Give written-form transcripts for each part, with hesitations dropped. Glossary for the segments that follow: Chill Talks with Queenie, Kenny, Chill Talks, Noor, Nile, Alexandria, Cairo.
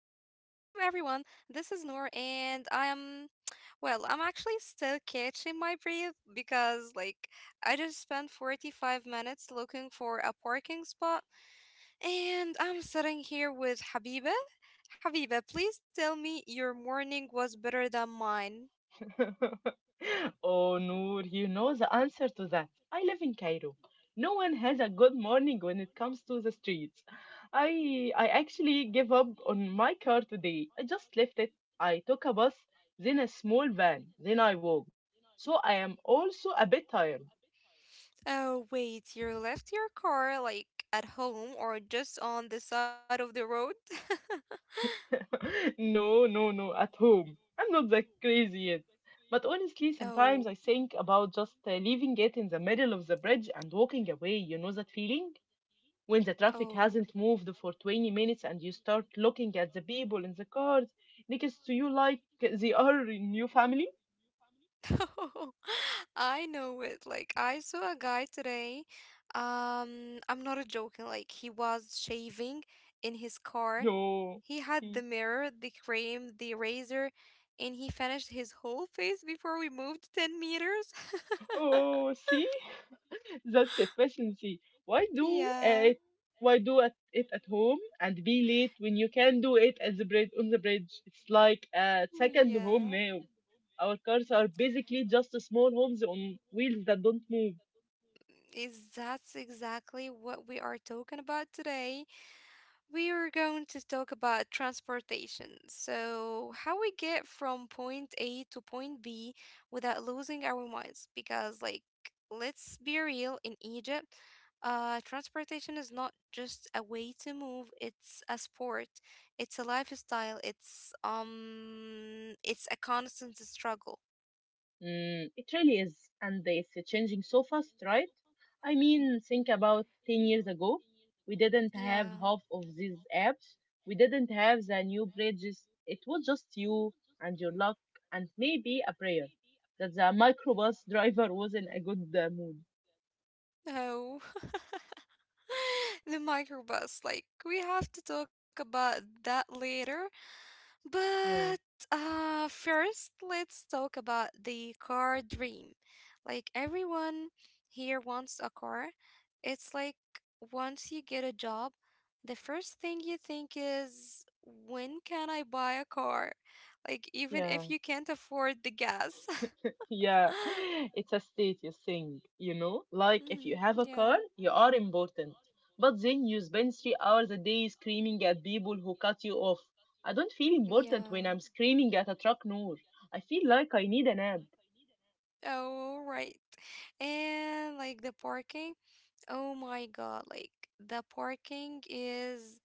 everyone. This is Noor and I am I'm actually still catching my breath because I just spent 45 minutes looking for a parking spot and I'm sitting here with Habiba. Habiba, please tell me your morning was better than mine. Oh, Noor, you know the answer to that. I live in Cairo. No one has a good morning when it comes to the streets. I actually gave up on my car today. I just left it. I took a bus, then a small van, then I walked. So I am also a bit tired. Oh, wait, you left your car like at home or just on the side of the road? No, no, no, at home. I'm not that crazy yet. But honestly, Oh, sometimes I think about just leaving it in the middle of the bridge and walking away. You know that feeling? When the traffic oh. hasn't moved for 20 minutes and you start looking at the people in the cars next to you like they are in your family? I know it. Like I saw a guy today. I'm not joking. Like he was shaving in his car. Yo. He had the mirror, the cream, the razor, and he finished his whole face before we moved 10 meters. Oh, see? That's efficiency. Why do Yeah. it? Why do it at home and be late when you can do it at the bridge? It's like a second Yeah. home now. Our cars are basically just small homes on wheels that don't move. Is that's exactly what we are talking about today. We are going to talk about transportation. So, how we get from point A to point B without losing our minds. Because, like, let's be real, in Egypt, transportation is not just a way to move, it's a sport, it's a lifestyle, it's a constant struggle. Mm, it really is, and it's changing so fast, right? I mean, think about 10 years ago. We didn't have Yeah. half of these apps. We didn't have the new bridges. It was just you and your luck and maybe a prayer that the microbus driver was in a good mood. Oh, the microbus. Like, we have to talk about that later. Yeah, But first, let's talk about the car dream. Like everyone here wants a car. It's like once you get a job, the first thing you think is, when can I buy a car? Like, even if yeah. you can't afford the gas. Yeah, it's a status thing, you know? Like if you Mhm. have a car, Yeah. you are important. But then you spend 3 hours a day screaming at people who cut you off. I don't feel important Yeah. when I'm screaming at a truck, Noor. I feel like I need a nap. Oh, right. And like the parking. Oh my God, like the parking is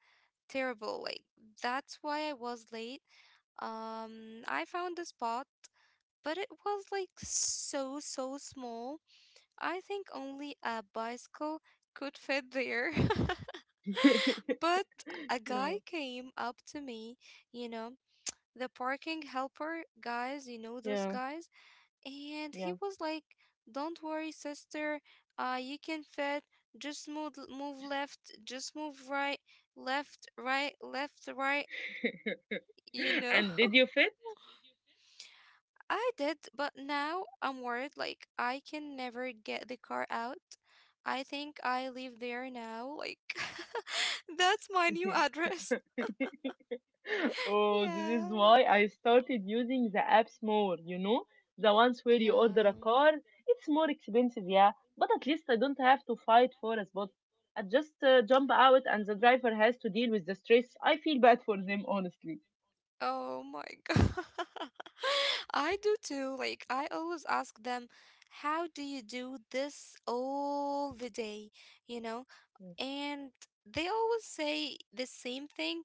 terrible. Like that's why I was late. I found a spot, but it was like so small. I think only a bicycle could fit there. But a Yeah, guy came up to me, you know, the parking helper guys, you know those yeah, guys? And yeah. he was like, don't worry, sister. You can fit. Just move, move left. Just move right. Left, right, left, right. You know? And did you fit? I did, but now I'm worried. Like, I can never get the car out. I think I live there now. Like, that's my new address. Oh, this Yeah. is why I started using the apps more, you know? The ones where you order a Yeah. car. It's more expensive, yeah, but at least I don't have to fight for a spot. I just jump out and the driver has to deal with the stress. I feel bad for them, honestly. Oh my God. I do too. Like, I always ask them, how do you do this all the day? You know? And they always say the same thing,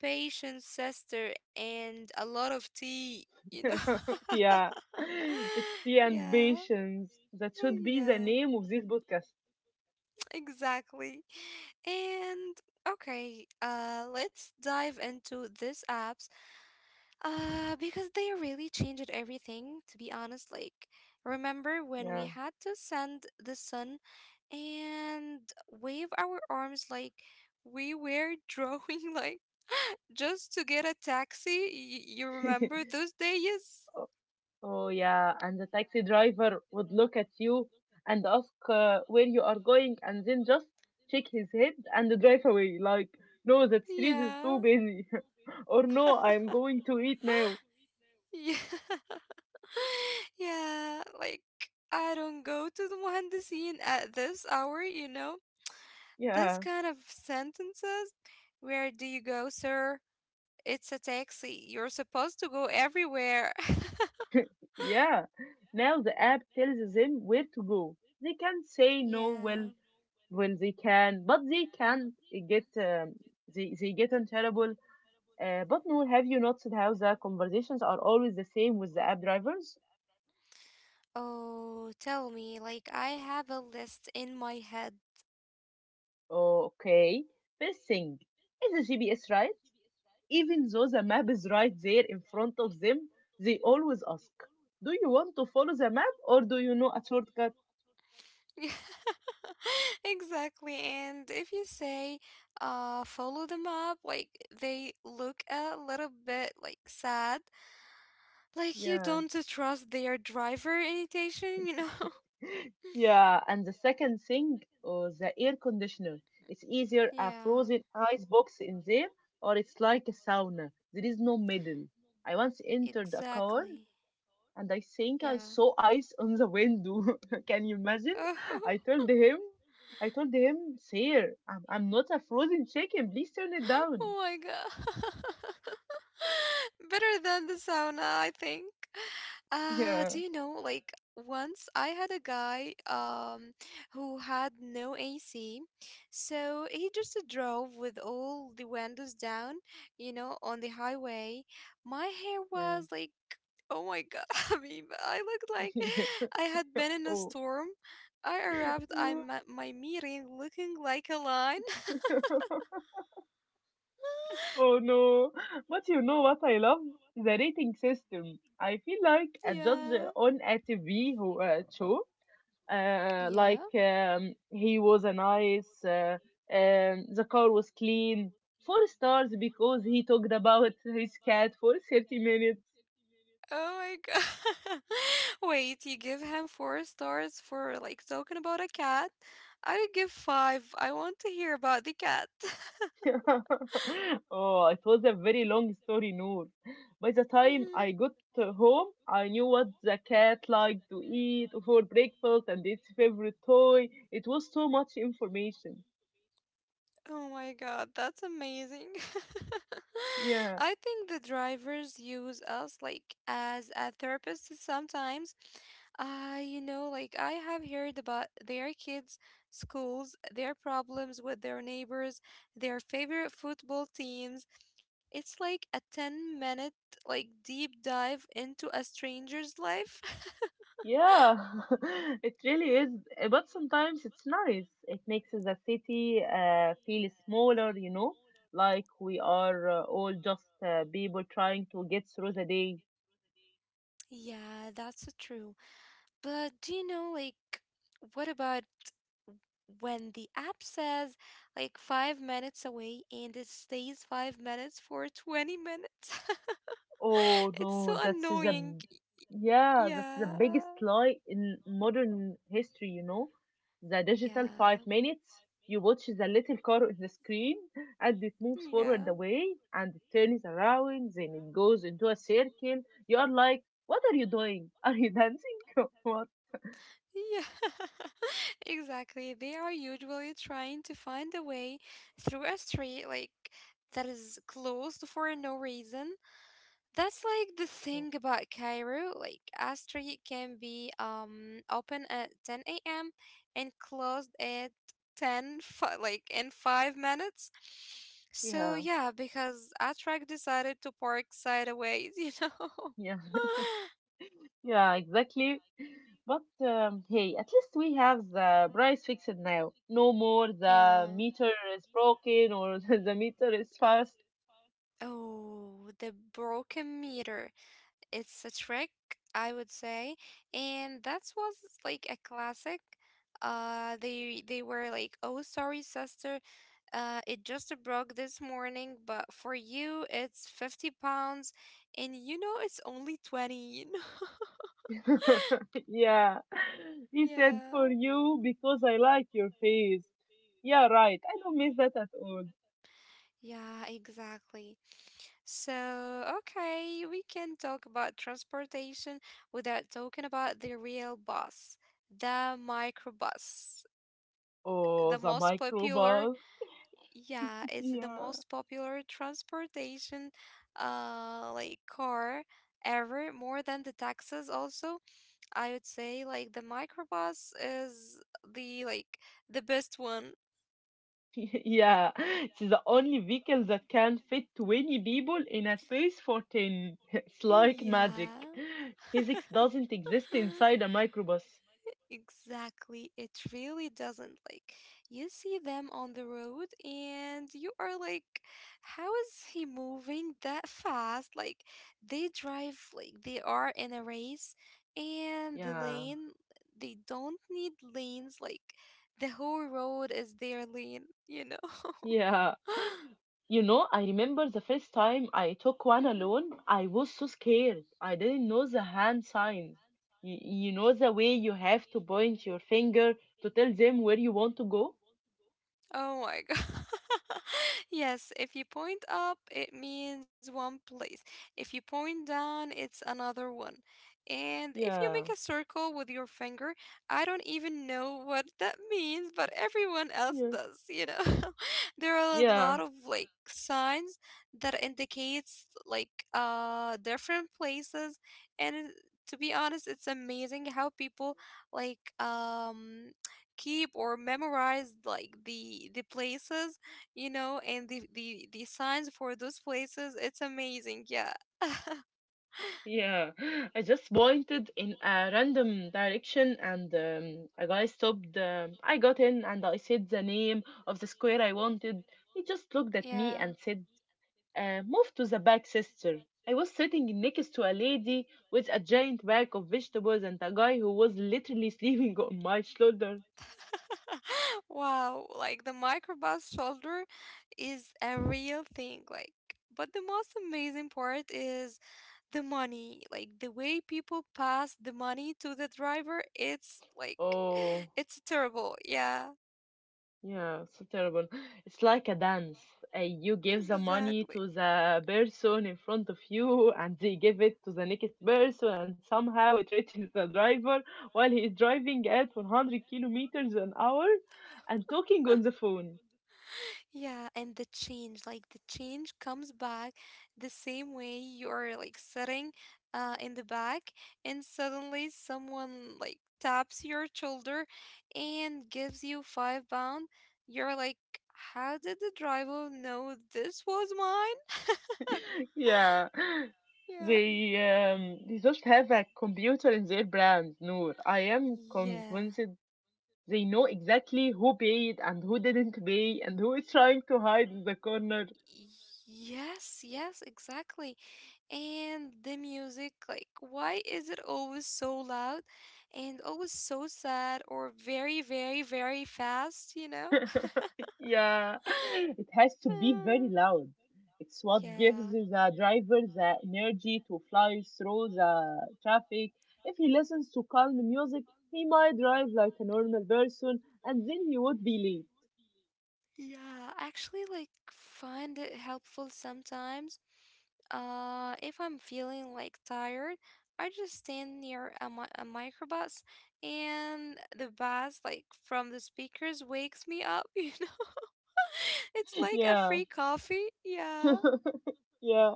patience, sister, and a lot of tea? Yeah. It's tea and Yeah. patience. That should be the Yeah, name of this podcast. exactly. And okay, let's dive into this app. Because they really changed everything, to be honest. Like, remember when we Yeah. had to send the sun and wave our arms like we were drawing, like, just to get a taxi? You remember those days? Oh, yeah. And the taxi driver would look at you and ask where you are going and then just shake his head and drive away. Like, no, that street is Yeah. too busy. Or no, I'm going to eat now. yeah. Yeah, like I don't go to the Muhandisin at this hour, you know? This Yeah, kind of sentences, where do you go, sir? It's a taxi. You're supposed to go everywhere. yeah. Now the app tells them where to go. They can say no well Yeah. when they can, but they can't get they get in trouble. But no, have you noticed how the conversations are always the same with the app drivers? Oh, tell me, like I have a list in my head. Okay. First thing is the GPS, right? Even though the map is right there in front of them, they always ask, do you want to follow the map or do you know a shortcut? Exactly. And if you say, "follow the map," like they look a little bit like sad. Like you Yeah. don't to trust their driver indication, you know? Yeah. And the second thing, oh, the air conditioner. It's either a Yeah, frozen ice box in there or it's like a sauna. There is no middle. I once entered a car exactly. and I think I Yeah. saw ice on the window. Can you imagine? I told him, I told him, sir, I'm not a frozen chicken. Please turn it down. Oh, my God. Better than the sauna, I think. Do Yeah, you know, like once I had a guy who had no AC, so he just drove with all the windows down, you know, on the highway. My hair was yeah, like, oh my God, I mean, I looked like yeah. I had been in a Oh, storm. I arrived at my meeting looking like a line. oh no. But you know what I love? The rating system. I feel like a judge Yeah. on a TV who, show Yeah. like he was a nice The car was clean, four stars because he talked about his cat for 30 minutes. Oh my God. Wait, you give him four stars for like talking about a cat? I would give five. I want to hear about the cat. Oh, it was a very long story, Noor. By the time Mhm. I got home I knew what the cat liked to eat for breakfast and its favorite toy. It was so much information. Oh my God, that's amazing. Yeah. I think the drivers use us like as a therapist sometimes. You know, like I have heard about their kids' schools, their problems with their neighbors, their favorite football teams. It's like a 10-minute like deep dive into a stranger's life. Yeah, it really is. But sometimes it's nice. It makes the city feel smaller, you know, like we are all just people trying to get through the day. Yeah, that's true. But do you know, like, what about when the app says like 5 minutes away and it stays 5 minutes for 20 minutes. Oh It's so no, that's annoying. the Yeah, that's the biggest Yeah. lie in modern history, you know. The digital five Yeah. minutes, you watch the little car on the screen and it moves forward Yeah. away and it turns around, then it goes into a circle. You are like, what are you doing? Are you dancing? What? Yeah, exactly. They are usually trying to find a way through a street like that is closed for no reason. That's like the thing about Cairo. Like, a Astri can be open at 10 a.m. and closed at 10, like in 5 minutes. So Yeah, yeah, because Atrak decided to park sideways, you know. yeah. Yeah, exactly. But hey, at least we have the price fixed now. No more the yeah. meter is broken or the meter is fast. Oh, the broken meter. It's a trick, I would say, and that was like a classic. They were like, "Oh, sorry, sister, it just broke this morning, but for you, it's 50 pounds, and you know it's only 20." You know? Yeah, he said Yeah. for you because I like your face. Yeah, right. I don't miss that at all. Yeah, exactly. So, okay, we can talk about transportation without talking about the real bus, the microbus, Oh, the the most popular. microbus. Yeah, it's the Yeah. most popular transportation, like car ever, more than the taxis also. I would say like the microbus is the like the best one. Yeah, it's the only vehicle that can fit 20 people in a space for 10. It's like Yeah. magic. Physics doesn't exist inside a microbus. Exactly, it really doesn't. Like, you see them on the road and you are like, how is he moving that fast? Like, they drive like they are in a race and the Yeah. lane, they don't need lanes. Like, the whole road is their lane, you know? Yeah. You know, I remember the first time I took one Mhm. alone, I was so scared. I didn't know the hand signs. You know the way you have to point your finger to tell them where you want to go? Oh my God. Yes, if you point up, it means one place. If you point down, it's another one. And if you make a Yeah. circle with your finger, I don't even know what that means, but everyone else Yeah. does, you know. There are a Yeah. lot of like signs that indicates like different places and to be honest, it's amazing how people like keep or memorize like the places, you know, and the signs for those places. It's amazing. Yeah. Yeah, I just pointed in a random direction and a guy stopped. I got in and I said the name of the square I wanted. He just looked at me Yeah. and said, move to the back, sister. I was sitting next to a lady with a giant bag of vegetables and a guy who was literally sleeping on my shoulder. Wow, like the microbus shoulder is a real thing, like but the most amazing part is the money. Like the way people pass the money to the driver, it's like Oh. it's terrible. Yeah, Yeah, so terrible. It's like a dance. You give the money exactly. to the person in front of you, and they give it to the next person, and somehow it reaches the driver while he is driving at 100 kilometers an hour and talking on the phone. Yeah, and the change, like the change comes back the same way you're like sitting in the back and suddenly someone like taps your shoulder and gives you 5 pound. You're like, how did the driver know this was mine? Yeah, Yeah. they they just have a computer in their brand, Noor. I am Yeah. convinced they know exactly who paid and who didn't pay and who is trying to hide in the corner. Yes, yes, exactly. And the music, like, why is it always so loud and always so sad or very fast, you know? Yeah, it has to be very loud. It's Yeah. what gives Yeah. the driver the energy to fly through the traffic. If he listens to calm music, he might drive like a normal person and then he would be Yeah, actually like find it helpful sometimes. If I'm feeling like tired, I just stand near a microbus and the bass like from the speakers wakes me up you know. It's late. like a Yeah, free coffee. Yeah. yeah,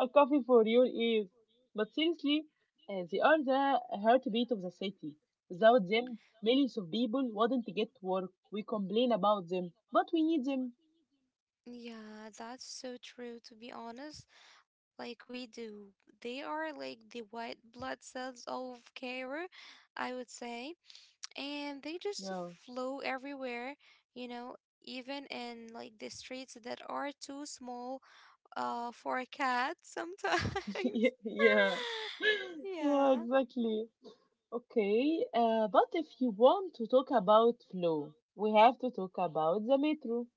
a coffee for your ears. But seriously, they are the heartbeat of the city. Without them, millions of people wouldn't get to work. We complain about them, but we need them. Yeah, that's so true to be honest. Like we do. They are like the white blood cells of Cairo, I would say. And they just Yeah. flow everywhere, you know, even in like the streets that are too small for a cat sometimes. Yeah. Yeah, Yeah. exactly. Okay, but if you want to talk about flow, we have to talk about the metro.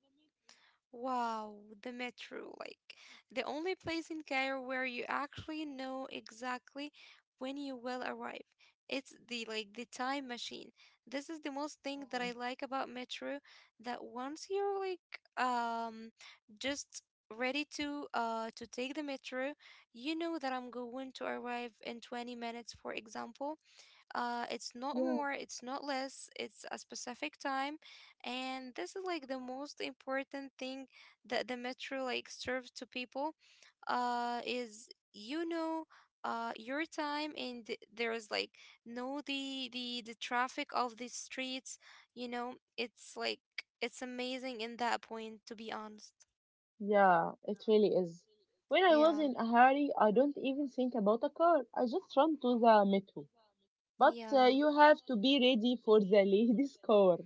Wow, the metro, like the only place in Cairo where you actually know exactly when you will arrive. It's the time machine. This is the most thing that Yeah. I like about metro that once you're like just ready to take the metro, you know that I'm going to arrive in 20 minutes, for example. It's not Yeah, more, it's not less, it's a specific time. And this is like the most important thing that the metro like serves to people is you know your time and there is like no the the traffic of the streets, you know, it's like it's amazing in that point to be honest. yeah, it really is. When I was Yeah. in a hurry, I don't even think about a car. I just run to the metro. But Yeah. you have to be ready for the lady's car.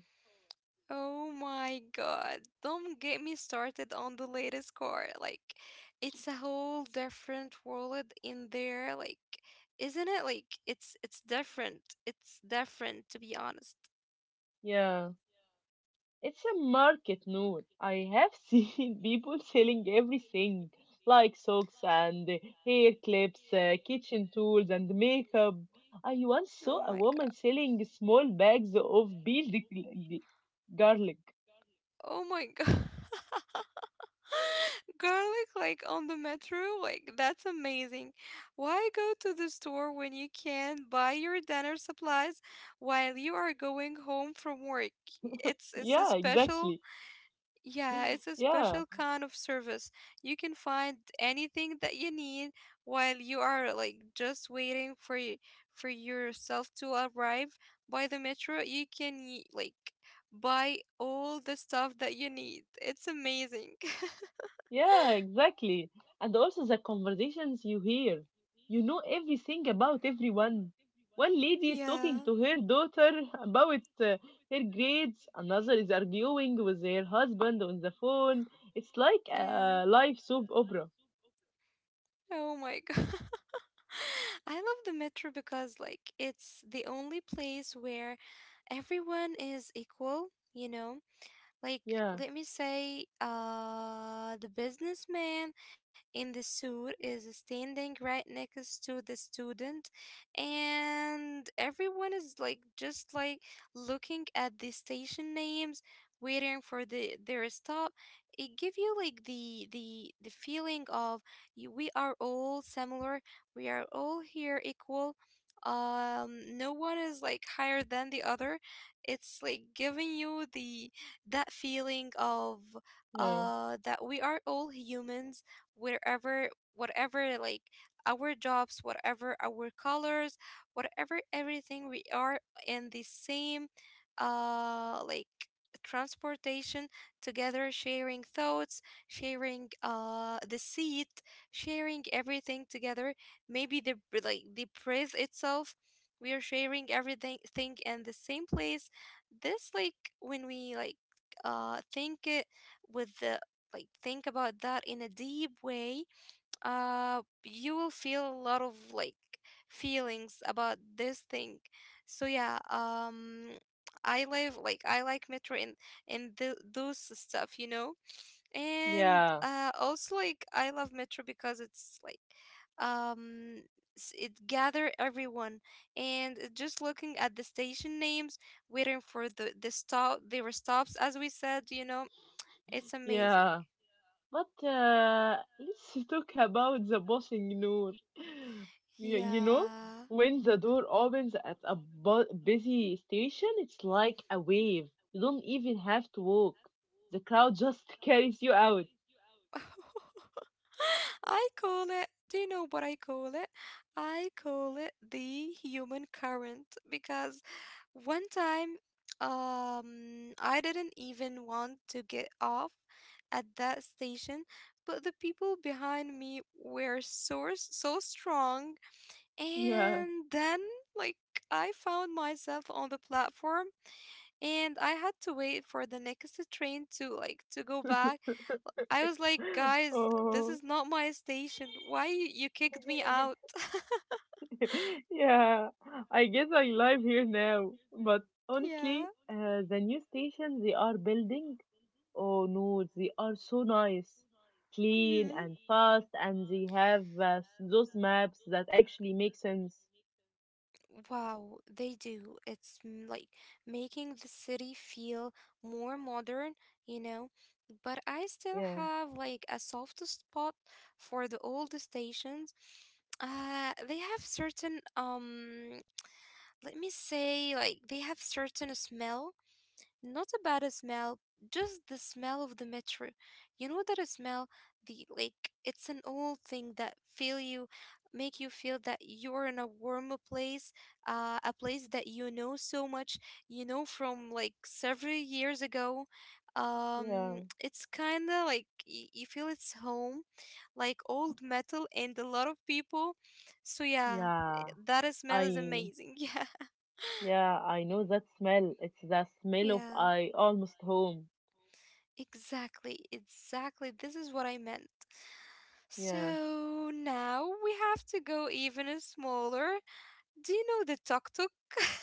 Oh my God. Don't get me started on the latest car. Like, it's a whole different world in there. Like, isn't it? Like, it's different. It's different to be honest. Yeah. It's a market, Noor. I have seen people selling everything like socks and hair clips, kitchen tools, and makeup. I once Oh saw a my God. woman selling small bags of peeled garlic. Oh my God. Garlic like on the metro, like that's amazing. Why go to the store when you can buy your dinner supplies while you are going home from work? It's a Yeah, special. exactly. Yeah, it's a Yeah. special kind of service. You can find anything that you need while you are like just waiting for for yourself to arrive by the metro. You can like buy all the stuff that you need. It's amazing. Yeah, exactly. And also the conversations you hear. You know everything about everyone. One lady is Yeah. talking to her daughter about her grades, another is arguing with her husband on the phone. It's like Yeah. a live soap opera. Oh my God. I love the metro because like it's the only place where everyone is equal, you know? Like, Yeah, let me say, the businessman in the suit is standing right next to the student, and everyone is like just like looking at the station names, waiting for their stop. It give you like the feeling of you, we are all similar, we are all here equal. No one is like higher than the other. It's like giving you the that feeling of yeah, that we are all humans wherever whatever our jobs, whatever our colors, whatever everything. We are in the same uh like transportation together, sharing thoughts, sharing the seat, sharing everything together, maybe the the praise itself. We are sharing everything thing in the same place. This like when we think it with the think about that in a deep way, you will feel a lot of like feelings about this thing. So yeah um I like metro in those stuff, you know. And yeah, also, like, I love Metro because it's like um it gather everyone and it just looking at the station names, waiting for the stop. There stops, as we said, you know, it's amazing. yeah. But let's talk about the bossing, Noor. You know, Yeah. when the door opens at a busy station, it's like a wave. You don't even have to walk. The crowd just carries you out. I call it, do you know what I call it? I call it the human current because one time, I didn't even want to get off at that station, but the people behind me were so strong. Yeah. And then, like, I found myself on the platform, and I had to wait for the next train to go back. I was like, guys, this is Oh. not my station. Why you kicked me out? Yeah, I guess I live here now. But Yeah. honestly, the new station they are building, oh no, they are so nice, clean Hmm. and fast, and they have those maps that actually make sense. Wow, they do. It's like making the city feel more modern, you know. But I still Yeah, have like a soft spot for the old stations. They have certain let me say, like, they have certain smell, not about a smell, just the smell of the metro. You know that a smell, the like, it's an old thing that feel you, make you feel that you're in a warmer place, a place that you know so much, you know, from like several years ago. yeah, It's kind of like you feel it's home, like old metal and a lot of people. So yeah, yeah. that smell is I amazing. Yeah. yeah, I know that smell. It's the smell of Yeah. I almost home. Exactly, exactly. This is what I meant. Yeah. So now we have to go even smaller. Do you know the tuk tuk?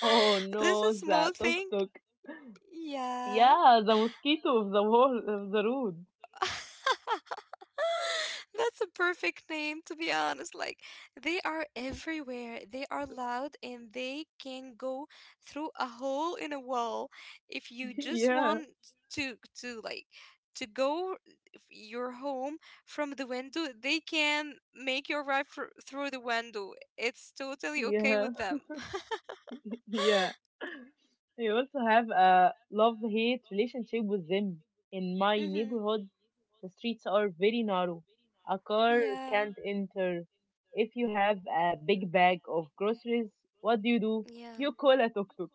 Oh This is a no, small the tuk thing. tuk. Yeah. Yeah, the mosquito of the wall of the road. That's a perfect name, to be honest. Like, they are everywhere. They are loud and they can go through a hole in a wall. If you just Yeah, want to, to like, to go your home from the window, they can make your ride through the window. It's totally okay yeah, with them. yeah. You also have a love hate relationship with them. In my hmm. neighborhood, the streets are very narrow. A car Yeah. can't enter. If you have a big bag of groceries, what do? Yeah. You call a tuk tuk.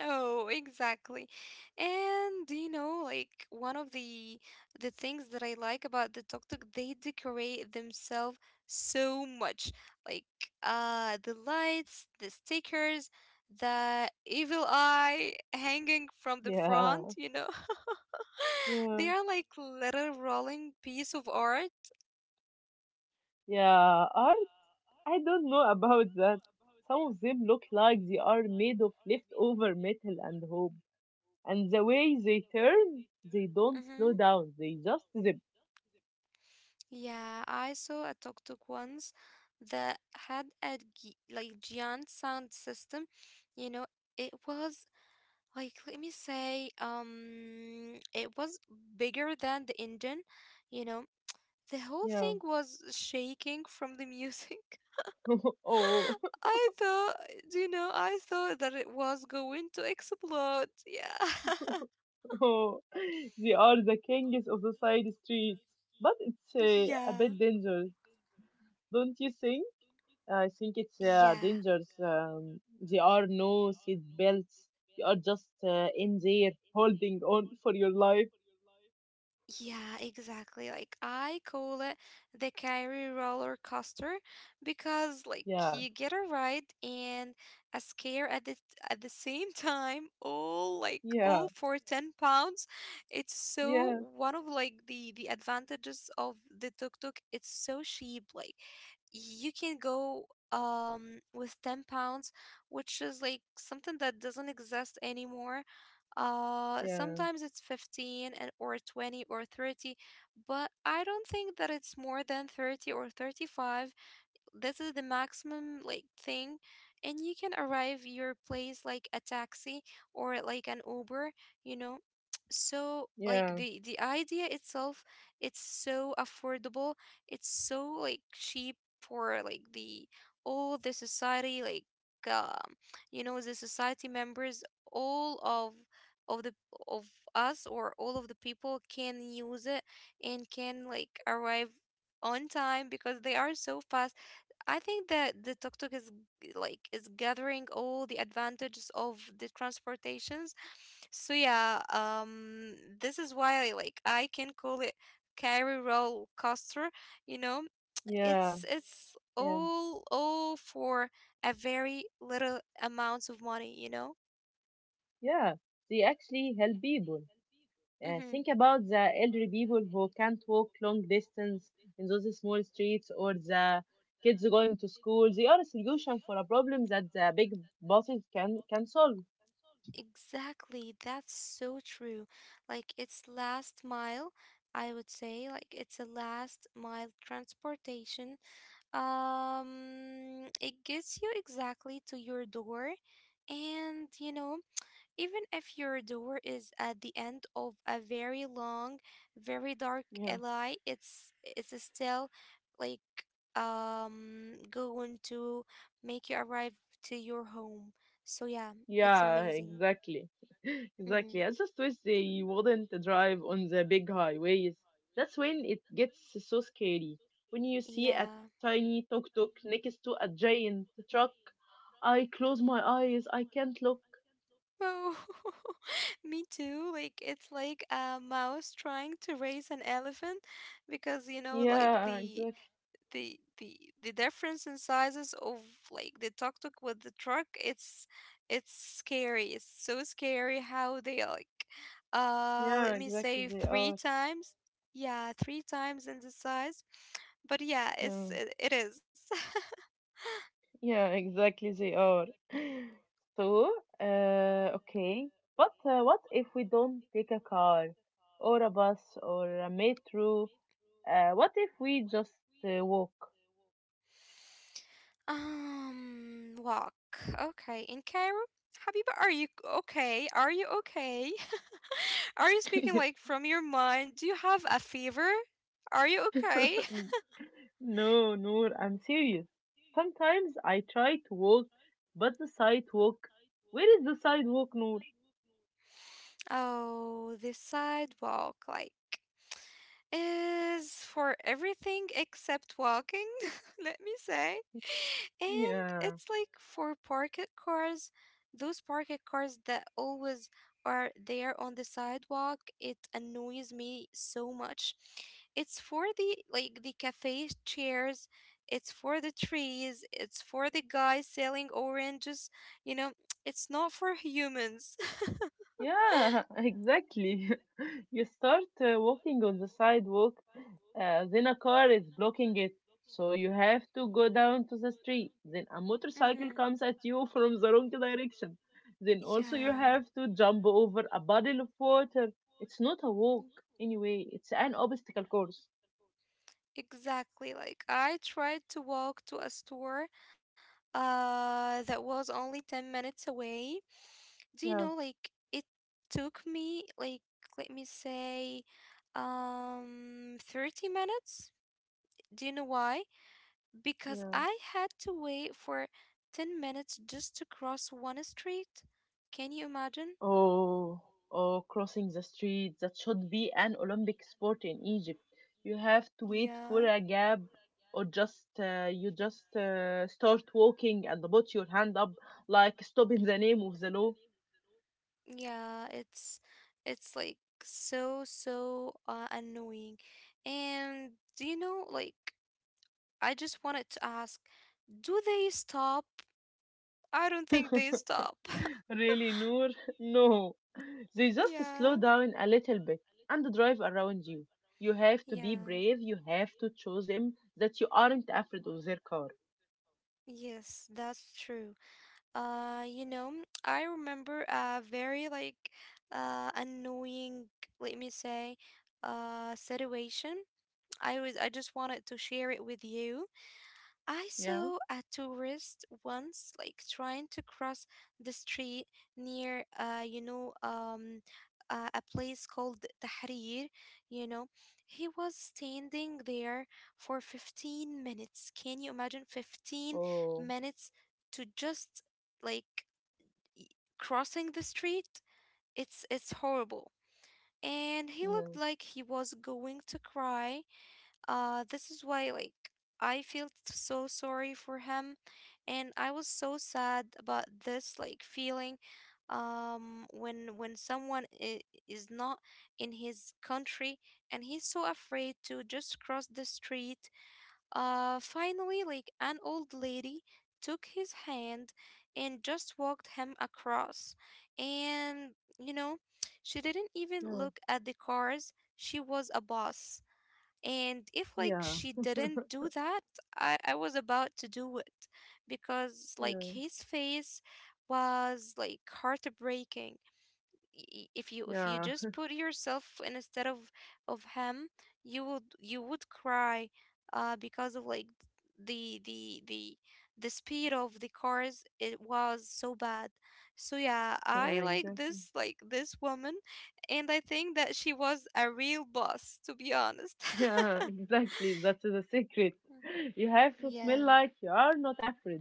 Oh, exactly. And you know, like, one of the things that I like about the tuk-tuk, they decorate themselves so much. Like, the lights, the stickers, the evil eye hanging from the front, Yeah, you know. They yeah, are like little rolling piece of art. yeah. Or I don't know about that. Some of them look like they are made of leftover metal and hope. And the way they turn, they don't Mm-hmm. slow down. They just zip. Yeah, I saw a tuk-tuk once that had a giant sound system. You know, it was like, let me say, it was bigger than the engine. You know, the whole Yeah. thing was shaking from the music. Oh, I thought, do you know, I thought that it was going to explode. Yeah, oh. They are the kings of the side streets. But it's a yeah, bit dangerous, don't you think? I think it's yeah. dangerous. There are no seat belts. You are just in there holding on for your life. Yeah, exactly. Like I call it the Kyrie roller coaster because, like, Yeah, you get a ride and a scare at the same time, all yeah, all for 10 pounds. It's so yeah, one of like the advantages of the tuk-tuk. It's so cheap. Like, you can go with 10 pounds, which is like something that doesn't exist anymore. Yeah, Sometimes it's 15, and or 20 or 30, but I don't think that it's more than 30 or 35. This is the maximum like thing, and you can arrive your place like a taxi or like an Uber, you know. So like yeah, the idea itself, it's so affordable, it's so like cheap for like the all the society. Like, um you know, the society members, all of the of us, or all of the people can use it and can like arrive on time because they are so fast. I think that the tuk tuk is is gathering all the advantages of the transportations. So yeah, this is why I can call it carry roll coaster. You know, yeah, it's yeah, all for a very little amounts of money. You know. yeah. They actually help people. Mm-hmm. Think about the elderly people who can't walk long distance in those small streets or the kids going to school. They are a solution for a problem that the big bosses can solve. Exactly. That's so true. Like, it's last mile. I would say like it's a last mile transportation. It gets you exactly to your door, and you know, even if your door is at the end of a very long, very dark Yeah. alley, it's still like going to make you arrive to your home. So yeah, it's Yeah, amazing. exactly. Mm-hmm. Exactly. I just wish they wouldn't drive on the big highways. That's when it gets so scary. When you see a Yeah. tiny tuk tuk next to a giant truck, I close my eyes. I can't look. Oh, me too. Like, it's like a mouse trying to raise an elephant because you know, like, Yeah, the exactly. the the the difference in sizes of like the tuk tuk with the truck, it's scary. It's so scary how they are like, Yeah, let me exactly say, they three are. times. Yeah, three times in the size. But yeah, Yeah, it is. yeah, exactly they are. So, okay, but what if we don't take a car or a bus or a metro? What if we just walk? Walk. Okay, in Cairo. Habiba, are you okay? Are you okay? Are you speaking like from your mind? Do you have a fever? Are you okay? N- No, no, I'm serious. Sometimes I try to walk, but the sidewalk, where is the sidewalk, Noor? Oh, the sidewalk, like, is for everything except walking, let me say. And Yeah. it's like for parked cars, those parked cars that always are there on the sidewalk, it annoys me so much. It's for the like the cafe chairs, it's for the trees, it's for the guy selling oranges, you know, it's not for humans. Yeah, exactly. You start walking on the sidewalk, then a car is blocking it, so you have to go down to the street. Then a Because mm-hmm. motorcycle comes at you from the wrong direction. Then also you Yeah. have to jump over a bottle of water. It's not a walk, anyway, it's an obstacle course. Exactly. Like, I tried to walk to a store that was only 10 minutes away. Do you Yeah, know, like, it took me like, let me say, 30 minutes. Do you know why? Because yeah. I had to wait for 10 minutes just to cross one street. Can you imagine? Oh, oh, crossing the street. That should be an Olympic sport in Egypt. You have to wait for Yeah, a gap or just you just start walking and put your hand up like stop in the name of the law. yeah, it's like annoying. And do you know, like, I just wanted to ask, do they stop? I don't think they stop. Really, Noor? No. They just slow Yeah. down a little bit and drive around you. You have to be Yeah. brave. You have to show them that you aren't afraid of their car. Yes, that's true. You know, I remember a very like annoying, let me say, situation. I just wanted to share it with you. I Yeah. saw a tourist once like trying to cross the street near a place called Tahrir, you know. He was standing there for 15 minutes. Can you imagine? 15 Oh, minutes to just like y- crossing the street. It's horrible. And he looked yeah, like he was going to cry. This is why, like, I felt so sorry for him, and I was so sad about this like feeling. When someone is not in his country and he's so afraid to just cross the street, finally, like, an old lady took his hand and just walked him across. And, you know, she didn't even yeah, look at the cars. She was a boss. And if like yeah, she didn't do that, I was about to do it because like yeah. his face was like heartbreaking. If you, if you Yeah, just put yourself instead of him, you would, you would cry, because of like the the the the speed of the cars, it was so bad. So yeah, I yeah, like exactly. This woman, and I think that she was a real boss, to be honest. Yeah, exactly. That's the secret. You have to yeah. smell like you are not afraid.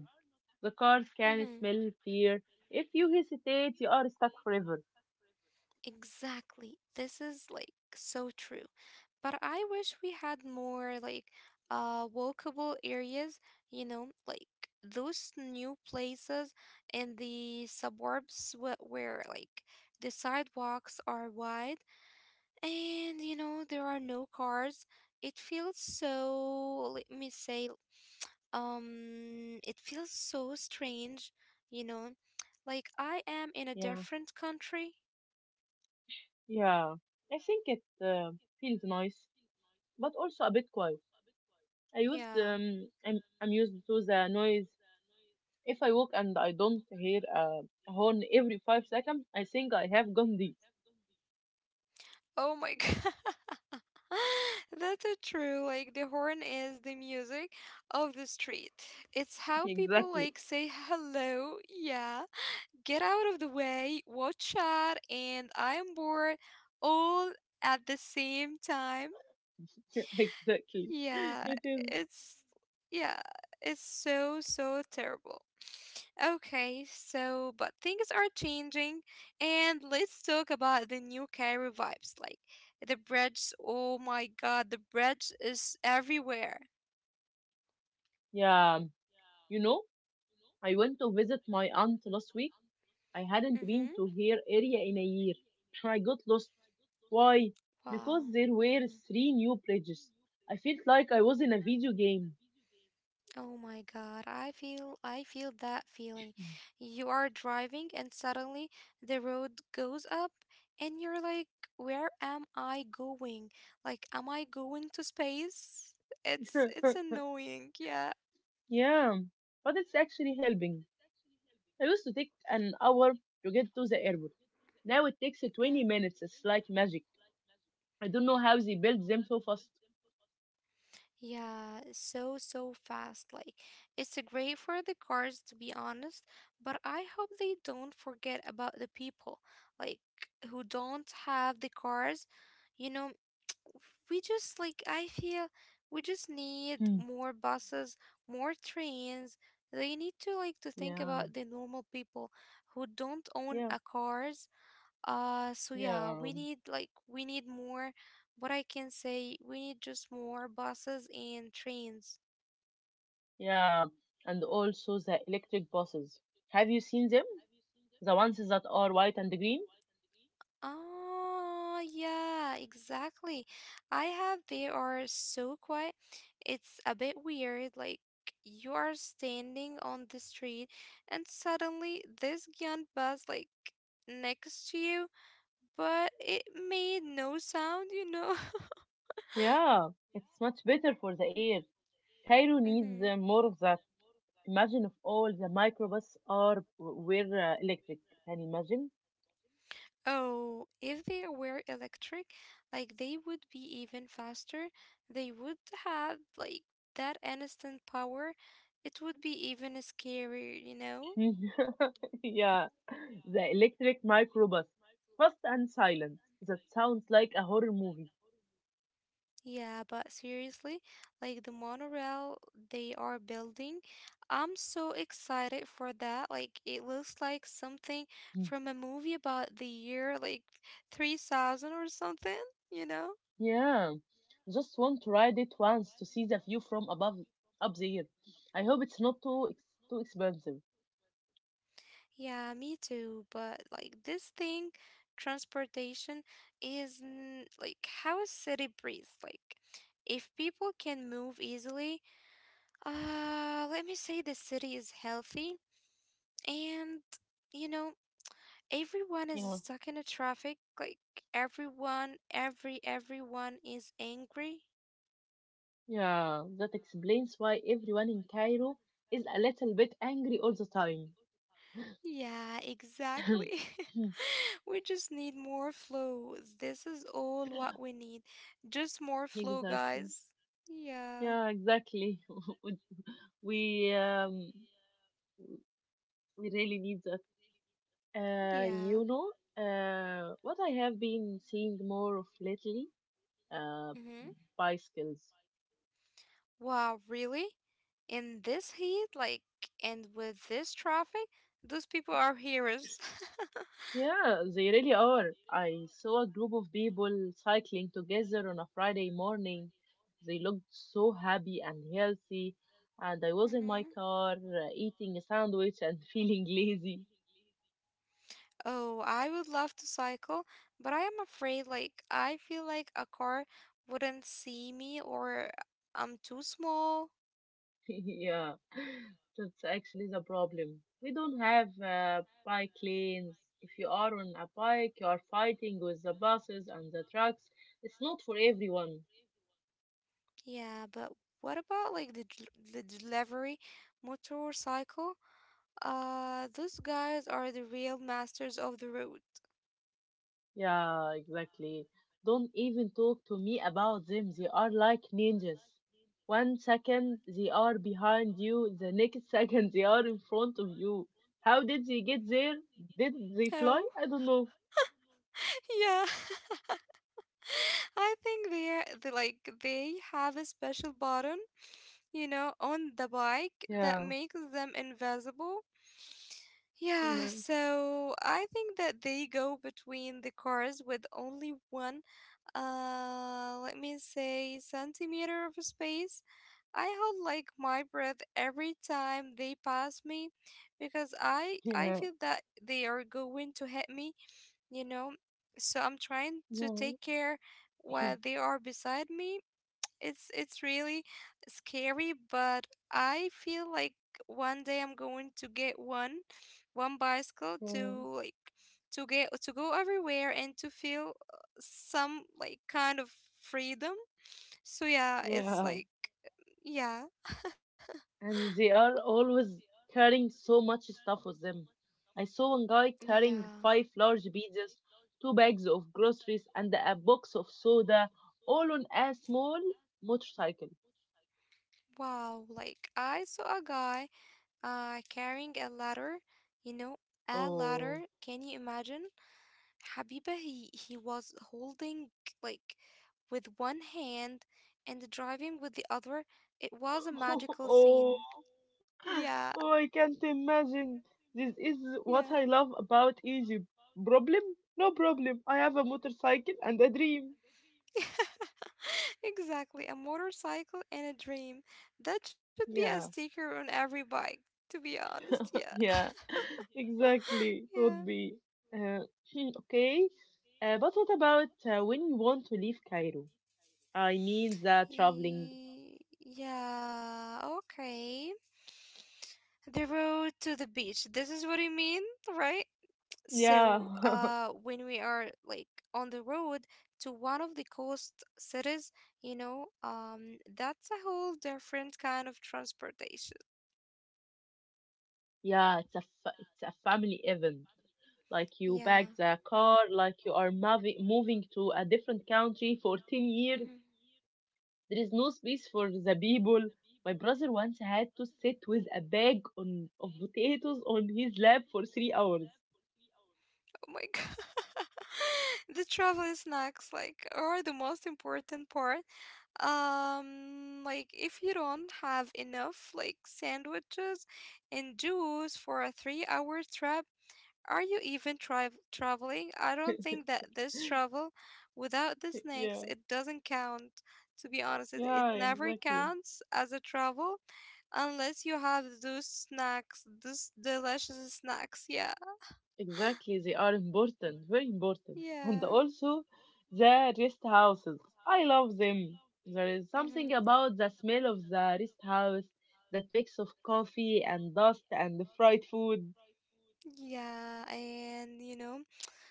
The cars can Hmm. smell fear. If you hesitate, you are stuck forever. Exactly. This is like so true. But I wish we had more like walkable areas, you know, like those new places in the suburbs where, the sidewalks are wide and you know there are no cars. It feels so, let me say, it feels so strange, you know, like I am in a Yeah, different country. yeah. I think it feels nice, but also a bit quiet. I used Yeah. um, I'm I'm used to the noise. If I walk and I don't hear a horn every 5 seconds, I think I have gone deep. Oh my god. That's a true. Like, the horn is the music of the street. It's how people Exactly, like say hello, yeah. Get out of the way, watch out, and I am bored all at the same time. exactly. Yeah, It is. it's yeah, it's so so terrible. Okay, so but things are changing, and let's talk about the new Cairo vibes. Like, the bridge, oh my god, the bridge is everywhere. Yeah, you know, I went to visit my aunt last week. I hadn't Mm-hmm. been to her area in a year. I got lost. Why? Because Wow. there were three new bridges. I felt like I was in a video game. Oh my God, I feel, I feel that feeling. You are driving and suddenly the road goes up and you're like, where am I going? Like, am I going to space? It's annoying, yeah. Yeah, but it's actually helping. I used to take an hour to get to the airport. Now it takes 20 Mhm. minutes. It's like magic. I don't know how they built them so fast. Yeah, so so fast. Like, it's great for the cars, to be honest, but I hope they don't forget about the people, like, who don't have the cars. You know, we just like, I feel we just need Hmm. more buses, more trains. They need to think Yeah, about the normal people who don't own yeah, a cars. So yeah, yeah, we need like we need more, what I can say, we need just more buses and trains. yeah. And also the electric buses. Have you seen them? The ones that are white and green? Oh, yeah, exactly. I have, they are so quiet. It's a bit weird, like you are standing on the street and suddenly this giant bus like next to you, but it made no sound, you know? Yeah, it's much better for the air. Cairo needs Mm-hmm. More of that. Imagine if all the microbuses are were electric. Can you imagine? Oh, if they were electric, like they would be even faster. They would have like that instant power. It would be even scarier, you know? Yeah, the electric microbus. Fast and silent. That sounds like a horror movie. Yeah, but seriously, like the monorail they are building, I'm so excited for that. Like it looks like something Mm. from a movie about the year like 3000 or something, you know? Yeah, just want to ride it once to see the view from above up there. I hope it's not too too expensive. Yeah, me too. But like this thing, transportation is n- like how a city breathes. Like if people can move easily, let me say the city is healthy and you know, everyone is Yeah. stuck in a traffic. Like everyone, everyone is angry. Yeah, that explains why everyone in Cairo is a little bit angry all the time. Yeah, exactly. We just need more flow. This is all what we need. Just more flow, Exactly. guys. Yeah, Yeah, exactly. we um we really need that. Uh, yeah. you know, what I have been seeing more of lately, uh, Mm-hmm. bicycles. Wow, really? In this heat, like, and with this traffic, those people are heroes. Yeah, they really are. I saw a group of people cycling together on a Friday morning. They looked so happy and healthy, and I was in my Mm-hmm. car eating a sandwich and feeling lazy. Oh, I would love to cycle, but I am afraid, like, I feel like a car wouldn't see me or I'm too small. Yeah, that's actually the problem. We don't have bike lanes. If you are on a bike, you are fighting with the buses and the trucks. It's not for everyone. Yeah, but what about like the delivery motorcycle? Those guys are the real masters of the road. Yeah, exactly. Don't even talk to me about them. They are like ninjas. One second they are behind you, the next second they are in front of you. How did they get there? Did they No. fly? I don't know. Yeah. I think they are they like they have a special button, you know, on the bike that Yeah, makes them invisible. Yeah, yeah, so I think that they go between the cars with only one let me say centimeter of space. I hold like my breath every time they pass me because I yeah, feel that they are going to hit me, you know, so I'm trying to yeah, take care while they are beside me. It's really scary, but I feel like one day I'm going to get one bicycle yeah, to like to go everywhere and to feel some like kind of freedom. So yeah, it's yeah. like yeah. And they are always carrying so much stuff with them. I saw one guy Yeah. carrying five large pizzas, two bags of groceries, and a box of soda, all on a small motorcycle. Wow, like I saw a guy carrying a ladder, you know, a Oh, ladder. Can you imagine? Habiba, he was holding like with one hand and driving with the other. It was a magical oh, scene. Yeah, oh, I can't imagine. This is what yeah. I love about Egypt. Problem? No problem. I have a motorcycle and a dream. Exactly. A motorcycle and a dream. That should be a Yeah. sticker on every bike, to be honest. Yeah. Yeah, exactly. Yeah. Would be uh, okay. But what about when you want to leave Cairo? I mean, the traveling. Yeah, okay. The road to the beach. This is what you mean, right? Yeah, So, when we are like on the road to one of the coast cities, you know, that's a whole different kind of transportation. yeah. It's a family event. Like you Yeah. pack the car, like you are moving to a different country for 10 years. Mhm. There is no space for the people. My brother once had to sit with a bag on of potatoes on his lap for 3 hours. Oh my God. The travel snacks like are the most important part. Like if you don't have enough like sandwiches and juice for a three-hour trip, are you even traveling? I don't think that this travel without the snacks, Yeah, it doesn't count. To be honest, it yeah, never exactly. counts as a travel unless you have those snacks, those delicious snacks. Yeah, Exactly, they are important, very important. And yeah, also the rest houses. I love them. There is something mm-hmm. about the smell of the rest house, that mix of coffee and dust and fried food. Yeah. And you know,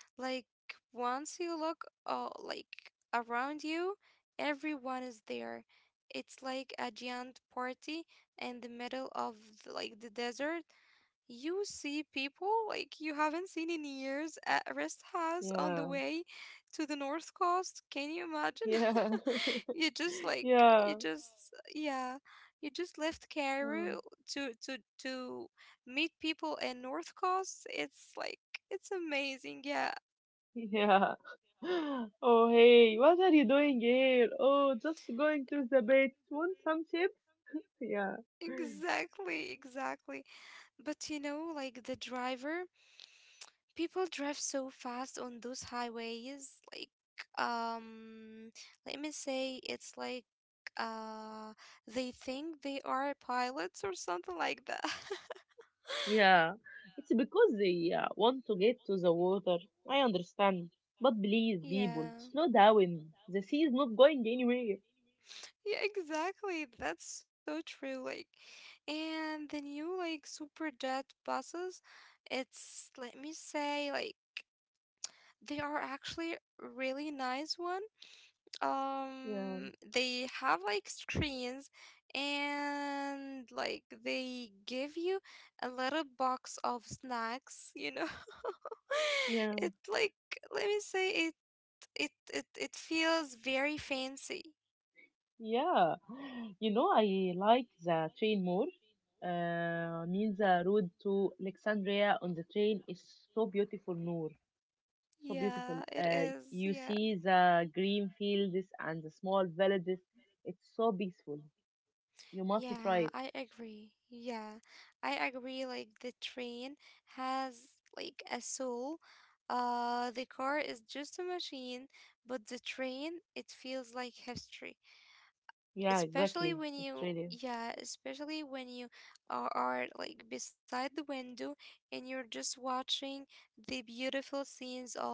like once you look, like around you, everyone is there. It's like a giant party in the middle of like the desert. You see people like you haven't seen in years at a rest house on the Yeah, way to the north coast. Can you imagine? yeah, You just like you yeah, just yeah, you just left oh, Cairo to meet people in north coast. It's like it's amazing. Yeah, yeah. Oh, hey, what are you doing here? Oh, just going to the beach. Want some chips? Yeah. exactly, exactly. But you know, like the driver. People drive so fast on those highways. Like, um, let me say it's like uh they think they are pilots or something like that. Yeah, it's because they want to get to the water. I understand. But please, Yeah. people, slow down. The sea is not going anywhere. Yeah, exactly. That's so true. Like, and the new like super jet buses, it's let me say like they are actually really nice one. Yeah, They have like screens and like they give you a little box of snacks, you know. It yeah, like let me say it, it feels very fancy. yeah. You know, I like the train more. I mean, the road to Alexandria on the train is so beautiful, Noor. So Yeah, beautiful. it is. You Yeah, see the green fields and the small villages. It's so peaceful. You must yeah, try it. I agree. Yeah, I agree, like the train has like a soul. The car is just a machine, but the train, it feels like history, Yeah, especially exactly. when It you really is. yeah especially when you are like beside the window and you're just watching the beautiful scenes of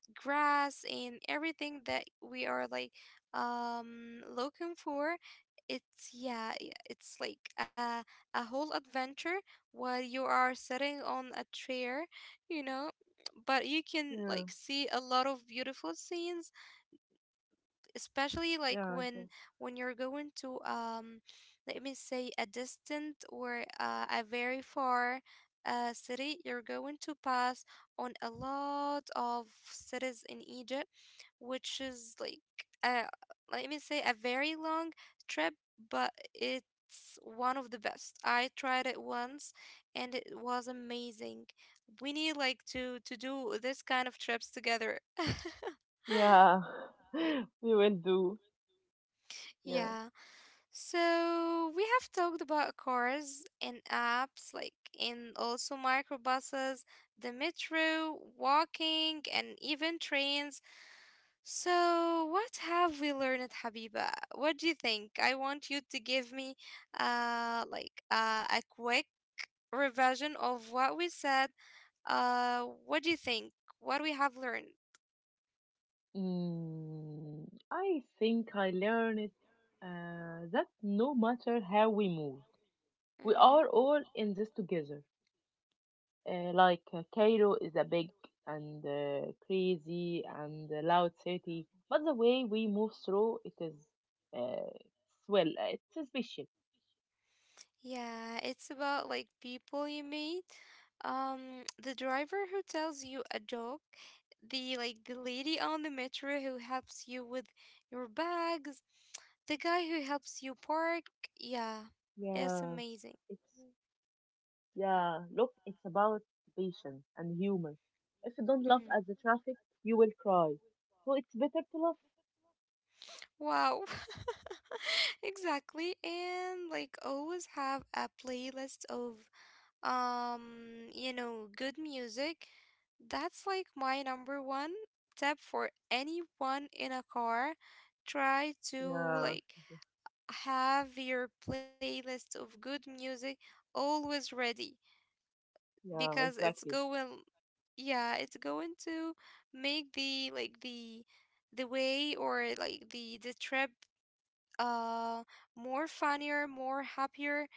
grass and everything that we are like looking for. It's yeah it's like a whole adventure while you are sitting on a chair, you know, but you can like Yeah. see a lot of beautiful scenes, especially like Yeah, exactly. when you're going to let me say a distant or a very far city. You're going to pass on a lot of cities in Egypt, which is like uh let me say a very long trip, but it's one of the best. I tried it once and it was amazing. We need like to do this kind of trips together. Yeah, we will do. Yeah. Yeah. So we have talked about cars and apps, like and also microbuses, the metro, walking, and even trains. So what have we learned, Habiba? What do you think? I want you to give me, a quick revision of what we said. What do you think? What we have learned? Mm, I think I learned that no matter how we move, we are Mm-hmm. all in this together. Like Cairo is a big and crazy and loud city, but the way we move through it is, uh, well, it's special. Yeah, it's about like people you meet. The driver who tells you a joke, the like the lady on the metro who helps you with your bags, the guy who helps you park. Yeah, it's Yeah, amazing. it's Yeah, look, it's about patience and humor. If you don't laugh Mm-hmm. at the traffic, you will cry. So it's better to laugh. Wow. Exactly. And like always have a playlist of you know, good music. That's like my number one tip for anyone in a car. Try to Yeah, like have your playlist of good music always ready because yeah, it's exactly. going, yeah, it's going to make the like the way or like the trip uh more funnier, more happier,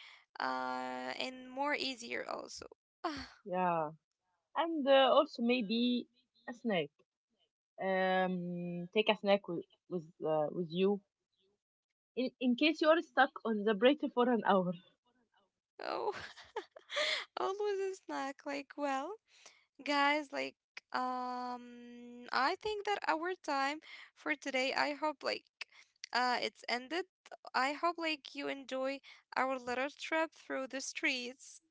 and more easier also. Yeah, and also maybe a snack. Take a snack with you in case you are stuck on the break for an hour. Oh. Always a snack. Like, well, guys, like, I think that our time for today, I hope, like, it's ended. I hope, like, you enjoy our little trip through the streets.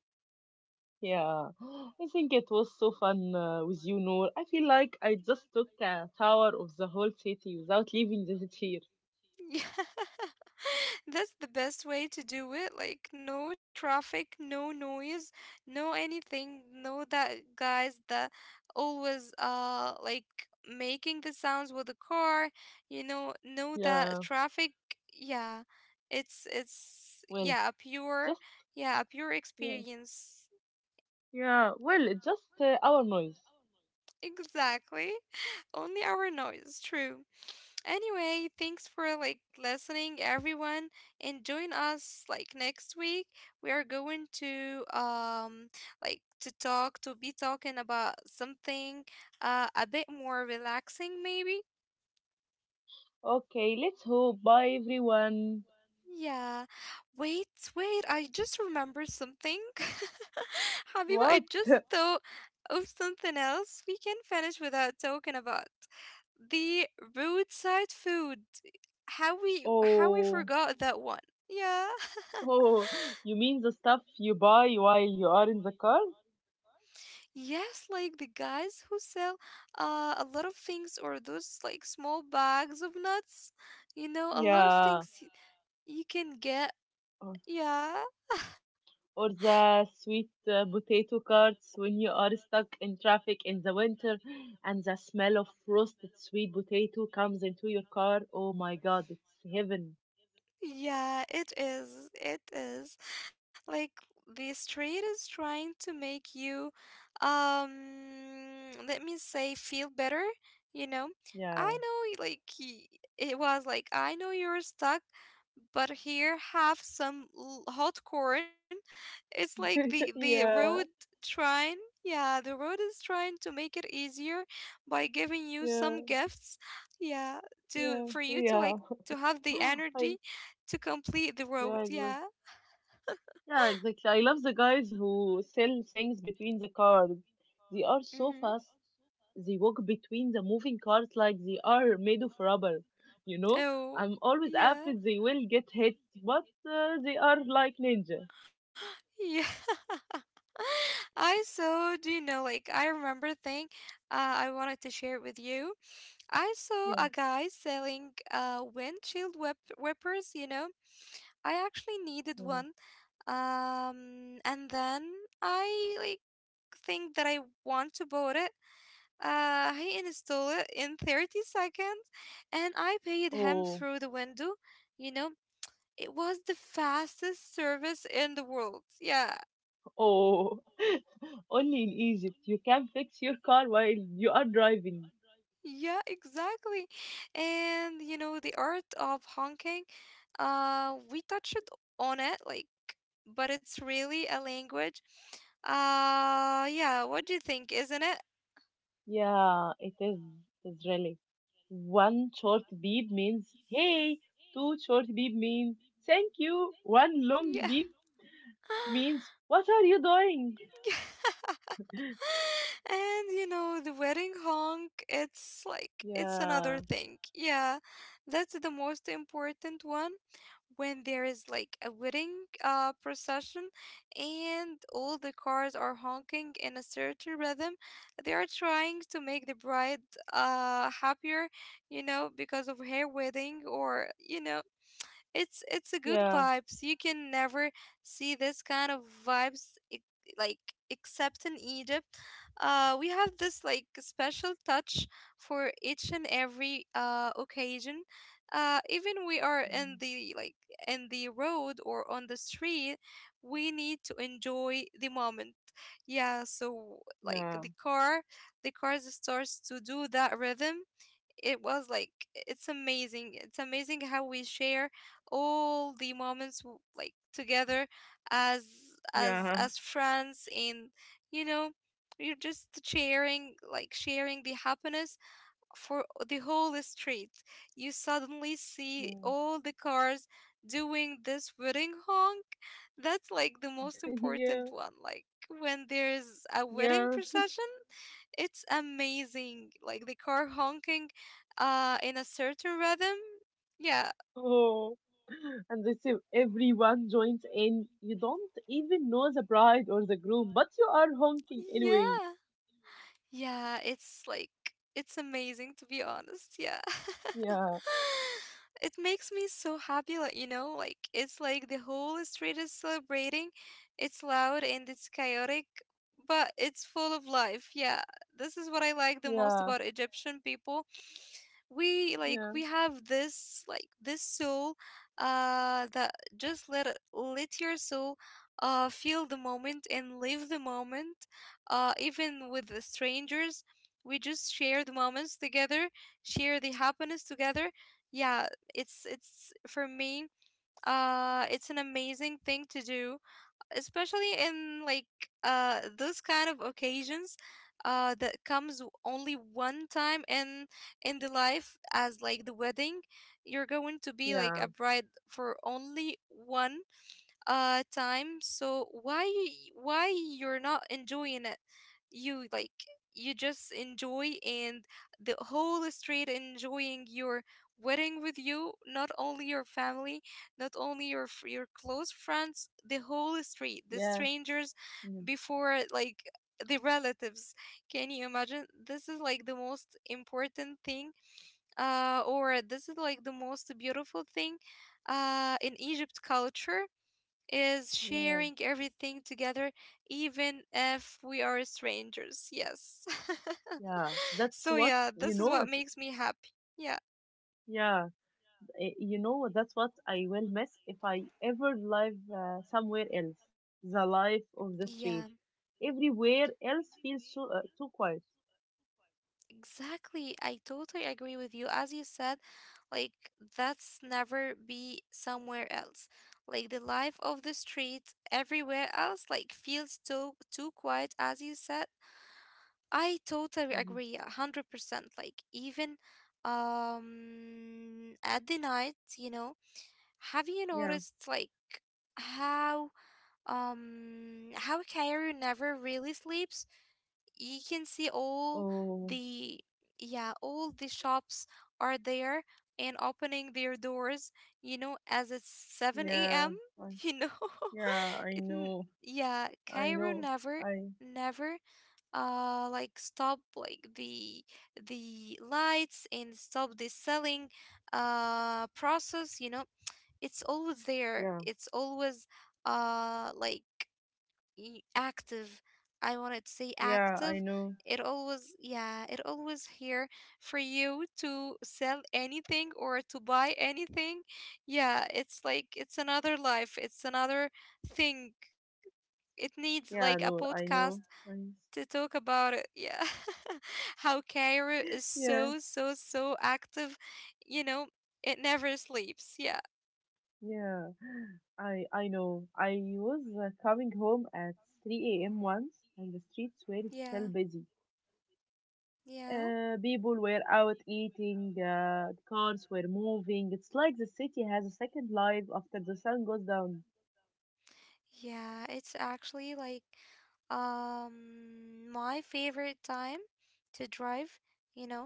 Yeah, I think it was so fun with you, Noor. I feel like I just took a tower of the whole city without leaving the city. That's the best way to do it. Like no traffic, no noise, no anything, no that guys that always like making the sounds with the car, you know, no Here. that Yeah, traffic. Yeah. It's well, just. yeah, a pure Yeah. experience. Yeah, well, it's just our noise. Exactly. Only our noise, true. Anyway, thanks for like listening everyone and join us like next week. We are going to like to be talking about something a bit more relaxing maybe. Okay, let's hope. Bye, everyone. Yeah. Wait, wait, I just remember something. Habiba, I What? just thought of something else we can finish without talking about. The roadside food. How we how we Oh, forgot that one. Yeah. oh, you mean the stuff you buy while you are in the car? Yes, like the guys who sell a lot of things or those like small bags of nuts. You know, a lot of Yeah, things you can get. or, Yeah. or the sweet potato carts when you are stuck in traffic in the winter and the smell of roasted sweet potato comes into your car. Oh my god, it's heaven. Yeah, it is. It is. Like the street is trying to make you um let me say feel better, you know? I Yeah. know like it was like I know you're stuck, but here have some hot corn. It's like the Yeah, road trying yeah, the road is trying to make it easier by giving you yeah, some gifts. Yeah, yeah, to for you to yeah. like to have the I, energy to complete the yeah, road. exactly. Yeah. Yeah, exactly. I love the guys who sell things between the cars. They are so Mm-hmm. fast. They walk between the moving cars like they are made of rubber. You know, I'm Oh, always afraid they yeah. will get hit, but they are like ninja. Yeah. I saw, do you know, like I remember a thing I wanted to share with you. I saw Yeah. a guy selling windshield whippers, you know. I actually needed Mm. one. And then I like think that I want to buy it. He installed it in 30 seconds and I paid him Oh, through the window. You know, it was the fastest service in the world. Yeah, oh. Only in Egypt you can fix your car while you are driving. yeah, exactly. And, you know, the art of honking, we touched on it, like, but it's really a language. Yeah, what do you think, isn't it? Yeah, it is Israeli. One short beep means hey, two short beep mean thank you, one long Yeah. beep means what are you doing? And you know, the wedding honk, it's like it's another Yeah, thing. Yeah, that's the most important one. When there is like a wedding procession and all the cars are honking in a certain rhythm, they are trying to make the bride happier, you know, because of her wedding or you know, it's a good yeah, vibes. You can never see this kind of vibes like except in Egypt. We have this like special touch for each and every occasion. Even we are in mm, the like in the road or on the street, we need to enjoy the moment. Yeah, so like yeah, the car, the cars starts to do that rhythm, it was like it's amazing, it's amazing how we share all the moments like together as as yeah, as friends and you know you're just sharing, like sharing the happiness for the whole street. You suddenly see mm, all the cars doing this wedding honk. That's like the most yeah, important one, like when there's a wedding yeah. procession. It's amazing. Like the car honking in a certain rhythm. Yeah. Oh. And they say everyone joins in, you don't even know the bride or the groom, but you are honking Yeah. anyway. Yeah, it's like it's amazing, to be honest. Yeah. Yeah, It makes me so happy, like, like it's like the whole street is celebrating. It's loud and it's chaotic, but it's full of life. Yeah. This is what I like the most yeah, about Egyptian people. We like, yeah, we have this, like, this soul that just let your soul feel the moment and live the moment, even with the strangers. We just share the moments together, share the happiness together. Yeah, it's for me, it's an amazing thing to do, especially in like those kind of occasions that only one time in the life, as like the wedding. You're going to be like a yeah, bride for only one time, so why you're not enjoying it? You like, you just enjoy, and the whole street enjoying your wedding with you, not only your family, not only your close friends, the whole street, the yeah, strangers yeah, before, like the relatives. Can you imagine? This is like the most important thing, or this is like the most beautiful thing in Egypt culture, is yeah. sharing everything together, even if we are strangers. Yes. Yeah, that's So, what yeah, you this is know. what It's makes me happy. Yeah. yeah, you know that's what I will miss if I ever live somewhere else. The life of the Yeah, street. Everywhere else feels so too quiet. exactly. I totally agree with you. As you said, like, that's never be somewhere else. Like, the life of the street everywhere else, like, feels too, too quiet, as you said. I totally Hmm. agree, a 100%. Like, even at the night, you know, have you Yeah. noticed like how, how Kaoru never really sleeps? You can see all Oh, the, yeah, all the shops are there and opening their doors, you know, as it's 7 a.m., yeah. I you know. yeah. I It, know. yeah, I Kaoru know. never, I never like stop, like the lights, and stop the selling process, you know. It's always there, yeah. it's always like active. I wanted to say Yeah. active. I know. It always, yeah, it always here for you to sell anything or to buy anything. Yeah, it's like it's another life, it's another thing. It needs like Yeah. a No. I podcast know. I, to talk about it. Yeah. How Cairo is yeah. so, so, so active, you know. It never sleeps. Yeah. Yeah, I know. I was coming home at 3 a.m. once, and the streets were still Yeah. busy. Yeah. People were out eating, the cars were moving. It's like the city has a second life after the sun goes down. Yeah, it's actually like my favorite time to drive, you know.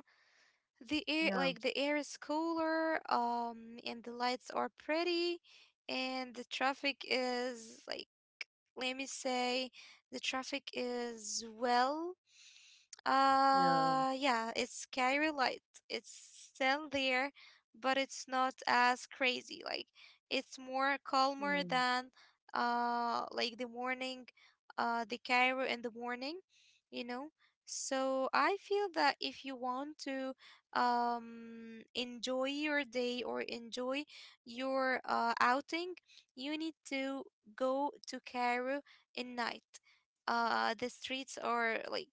The air, Yeah, like the air is cooler, and the lights are pretty, and the traffic is like, let me say, the traffic is well, yeah, yeah, it's Cairo Light. It's still there, but it's not as crazy. Like it's more calmer yeah, than like the morning, the Cairo in the morning, you know. So I feel that if you want to enjoy your day or enjoy your outing, you need to go to Cairo in night. The streets are like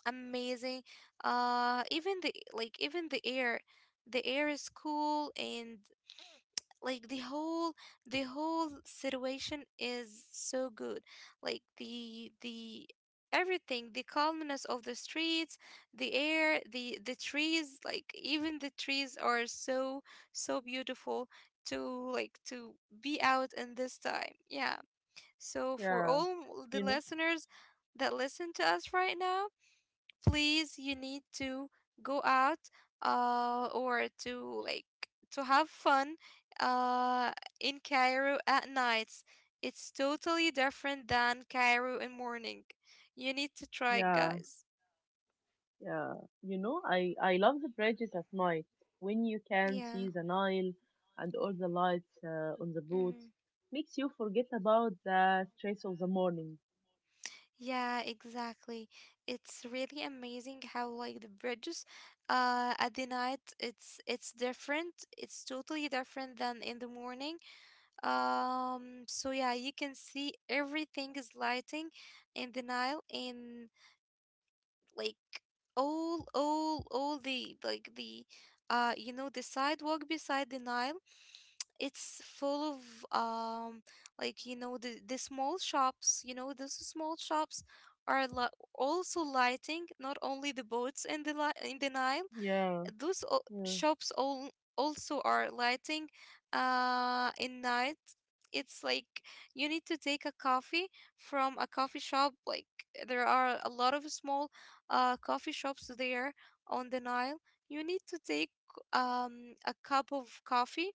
amazing. Even the like even the air is cool, and like the whole, the whole situation is so good. Like the everything, the calmness of the streets, the air, the trees, like even the trees are so, so beautiful to like to be out in this time. Yeah. So for yeah. all the You know? listeners that listen to us right now, please, you need to go out or to like to have fun uh in Cairo at nights. It's totally different than Cairo in morning. You need to try, Yeah. guys. Yeah, you know, I love the bridges at night when you can Yeah. see the Nile and all the lights on the boat. Mm-hmm. Makes you forget about the stress of the morning. Yeah, exactly. It's really amazing how like the bridges at the night, it's different. It's totally different than in the morning. So yeah, you can see everything is lighting in the Nile, and like all the like the, you know, the sidewalk beside the Nile. It's full of like, you know, the small shops, you know, those small shops are li also lighting, not only the boats in the li in the Nile, Yeah, those yeah, shops all also are lighting in night. It's like you need to take a coffee from a coffee shop. Like there are a lot of small coffee shops there on the Nile. You need to take a cup of coffee,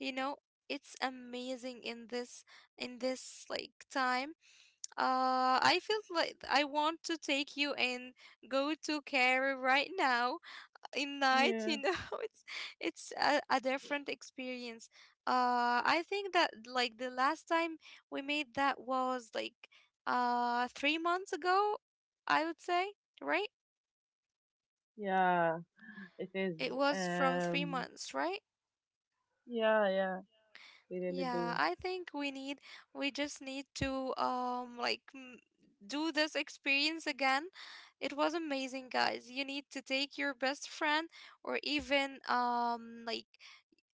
you know. It's amazing in this, in this like time. Uh, I feel like I want to take you and go to Cairo right now in night, yeah, you know. it's it's a different experience. Uh, I think that like the last time we made that was like 3 months ago, I would say, right? yeah. It is. It was from three Um, months right? yeah, yeah, we really Yeah, do. I think we need, we just need to like do this experience again. It was amazing, guys. You need to take your best friend, or even, like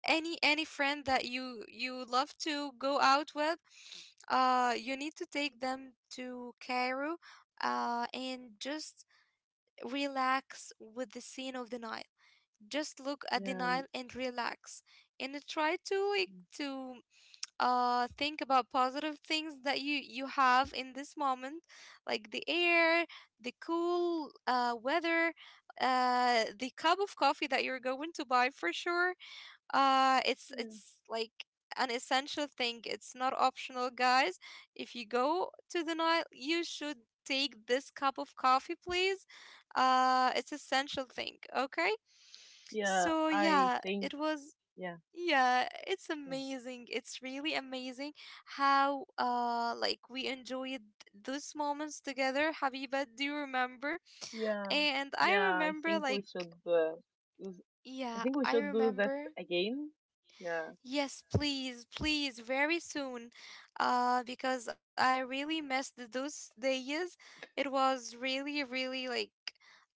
any friend that you love to go out with. Uh, you need to take them to Cairo and just relax with the scene of the Nile. Just look at the Yeah, Nile and relax, and try to like to think about positive things that you have in this moment, like the air, the cool weather, the cup of coffee that you're going to buy for sure. Uh, yeah, it's like an essential thing. It's not optional, guys. If you go to the Nile, you should take this cup of coffee, please. It's essential thing, okay? yeah. So I yeah, think. it was, Yeah, yeah, it's yeah, amazing. It's really amazing how like we enjoyed those moments together. Habiba, do you remember? yeah, And I yeah. I remember think we like, should. Use- I yeah, think we I should do that remember. again. Yeah, Yes, please, please, very soon. Because I really missed those days. It was really, really like,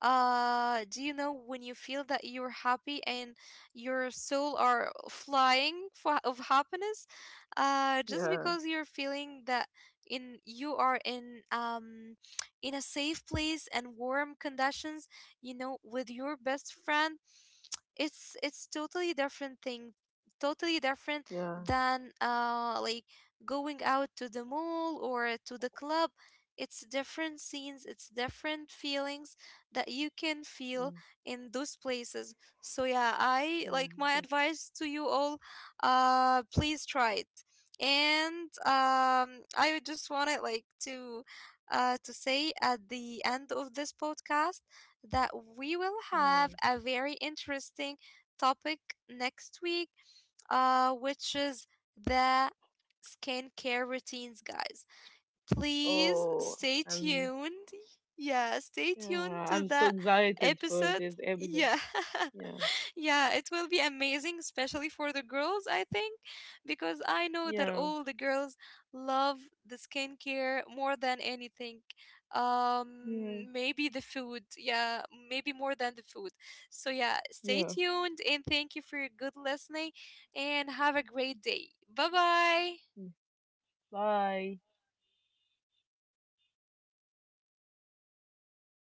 do you know when you feel that you're happy and your soul are flying for, of happiness? Just yeah, because you're feeling that in you are in a safe place and warm conditions, you know, with your best friend. It's totally different thing, totally different yeah. than like going out to the mall or to the club. It's different scenes, it's different feelings that you can feel Mm, in those places. So yeah, I yeah, like, my that, advice to you all, please try it. And I would just wanted like to say at the end of this podcast that we will have yeah. a very interesting topic next week, which is the skincare routines, guys. Please Oh, stay I'm tuned. Yeah, stay tuned yeah, to I'm that so excited episode. for this episode. Yeah. Yeah, Yeah, it will be amazing, especially for the girls, I think, because I know that yeah, all the girls love the skincare more than anything. Yeah, Maybe the food. Yeah, maybe more than the food. So, yeah, stay yeah. tuned, and thank you for your good listening and have a great day. Bye bye. Mm. Bye.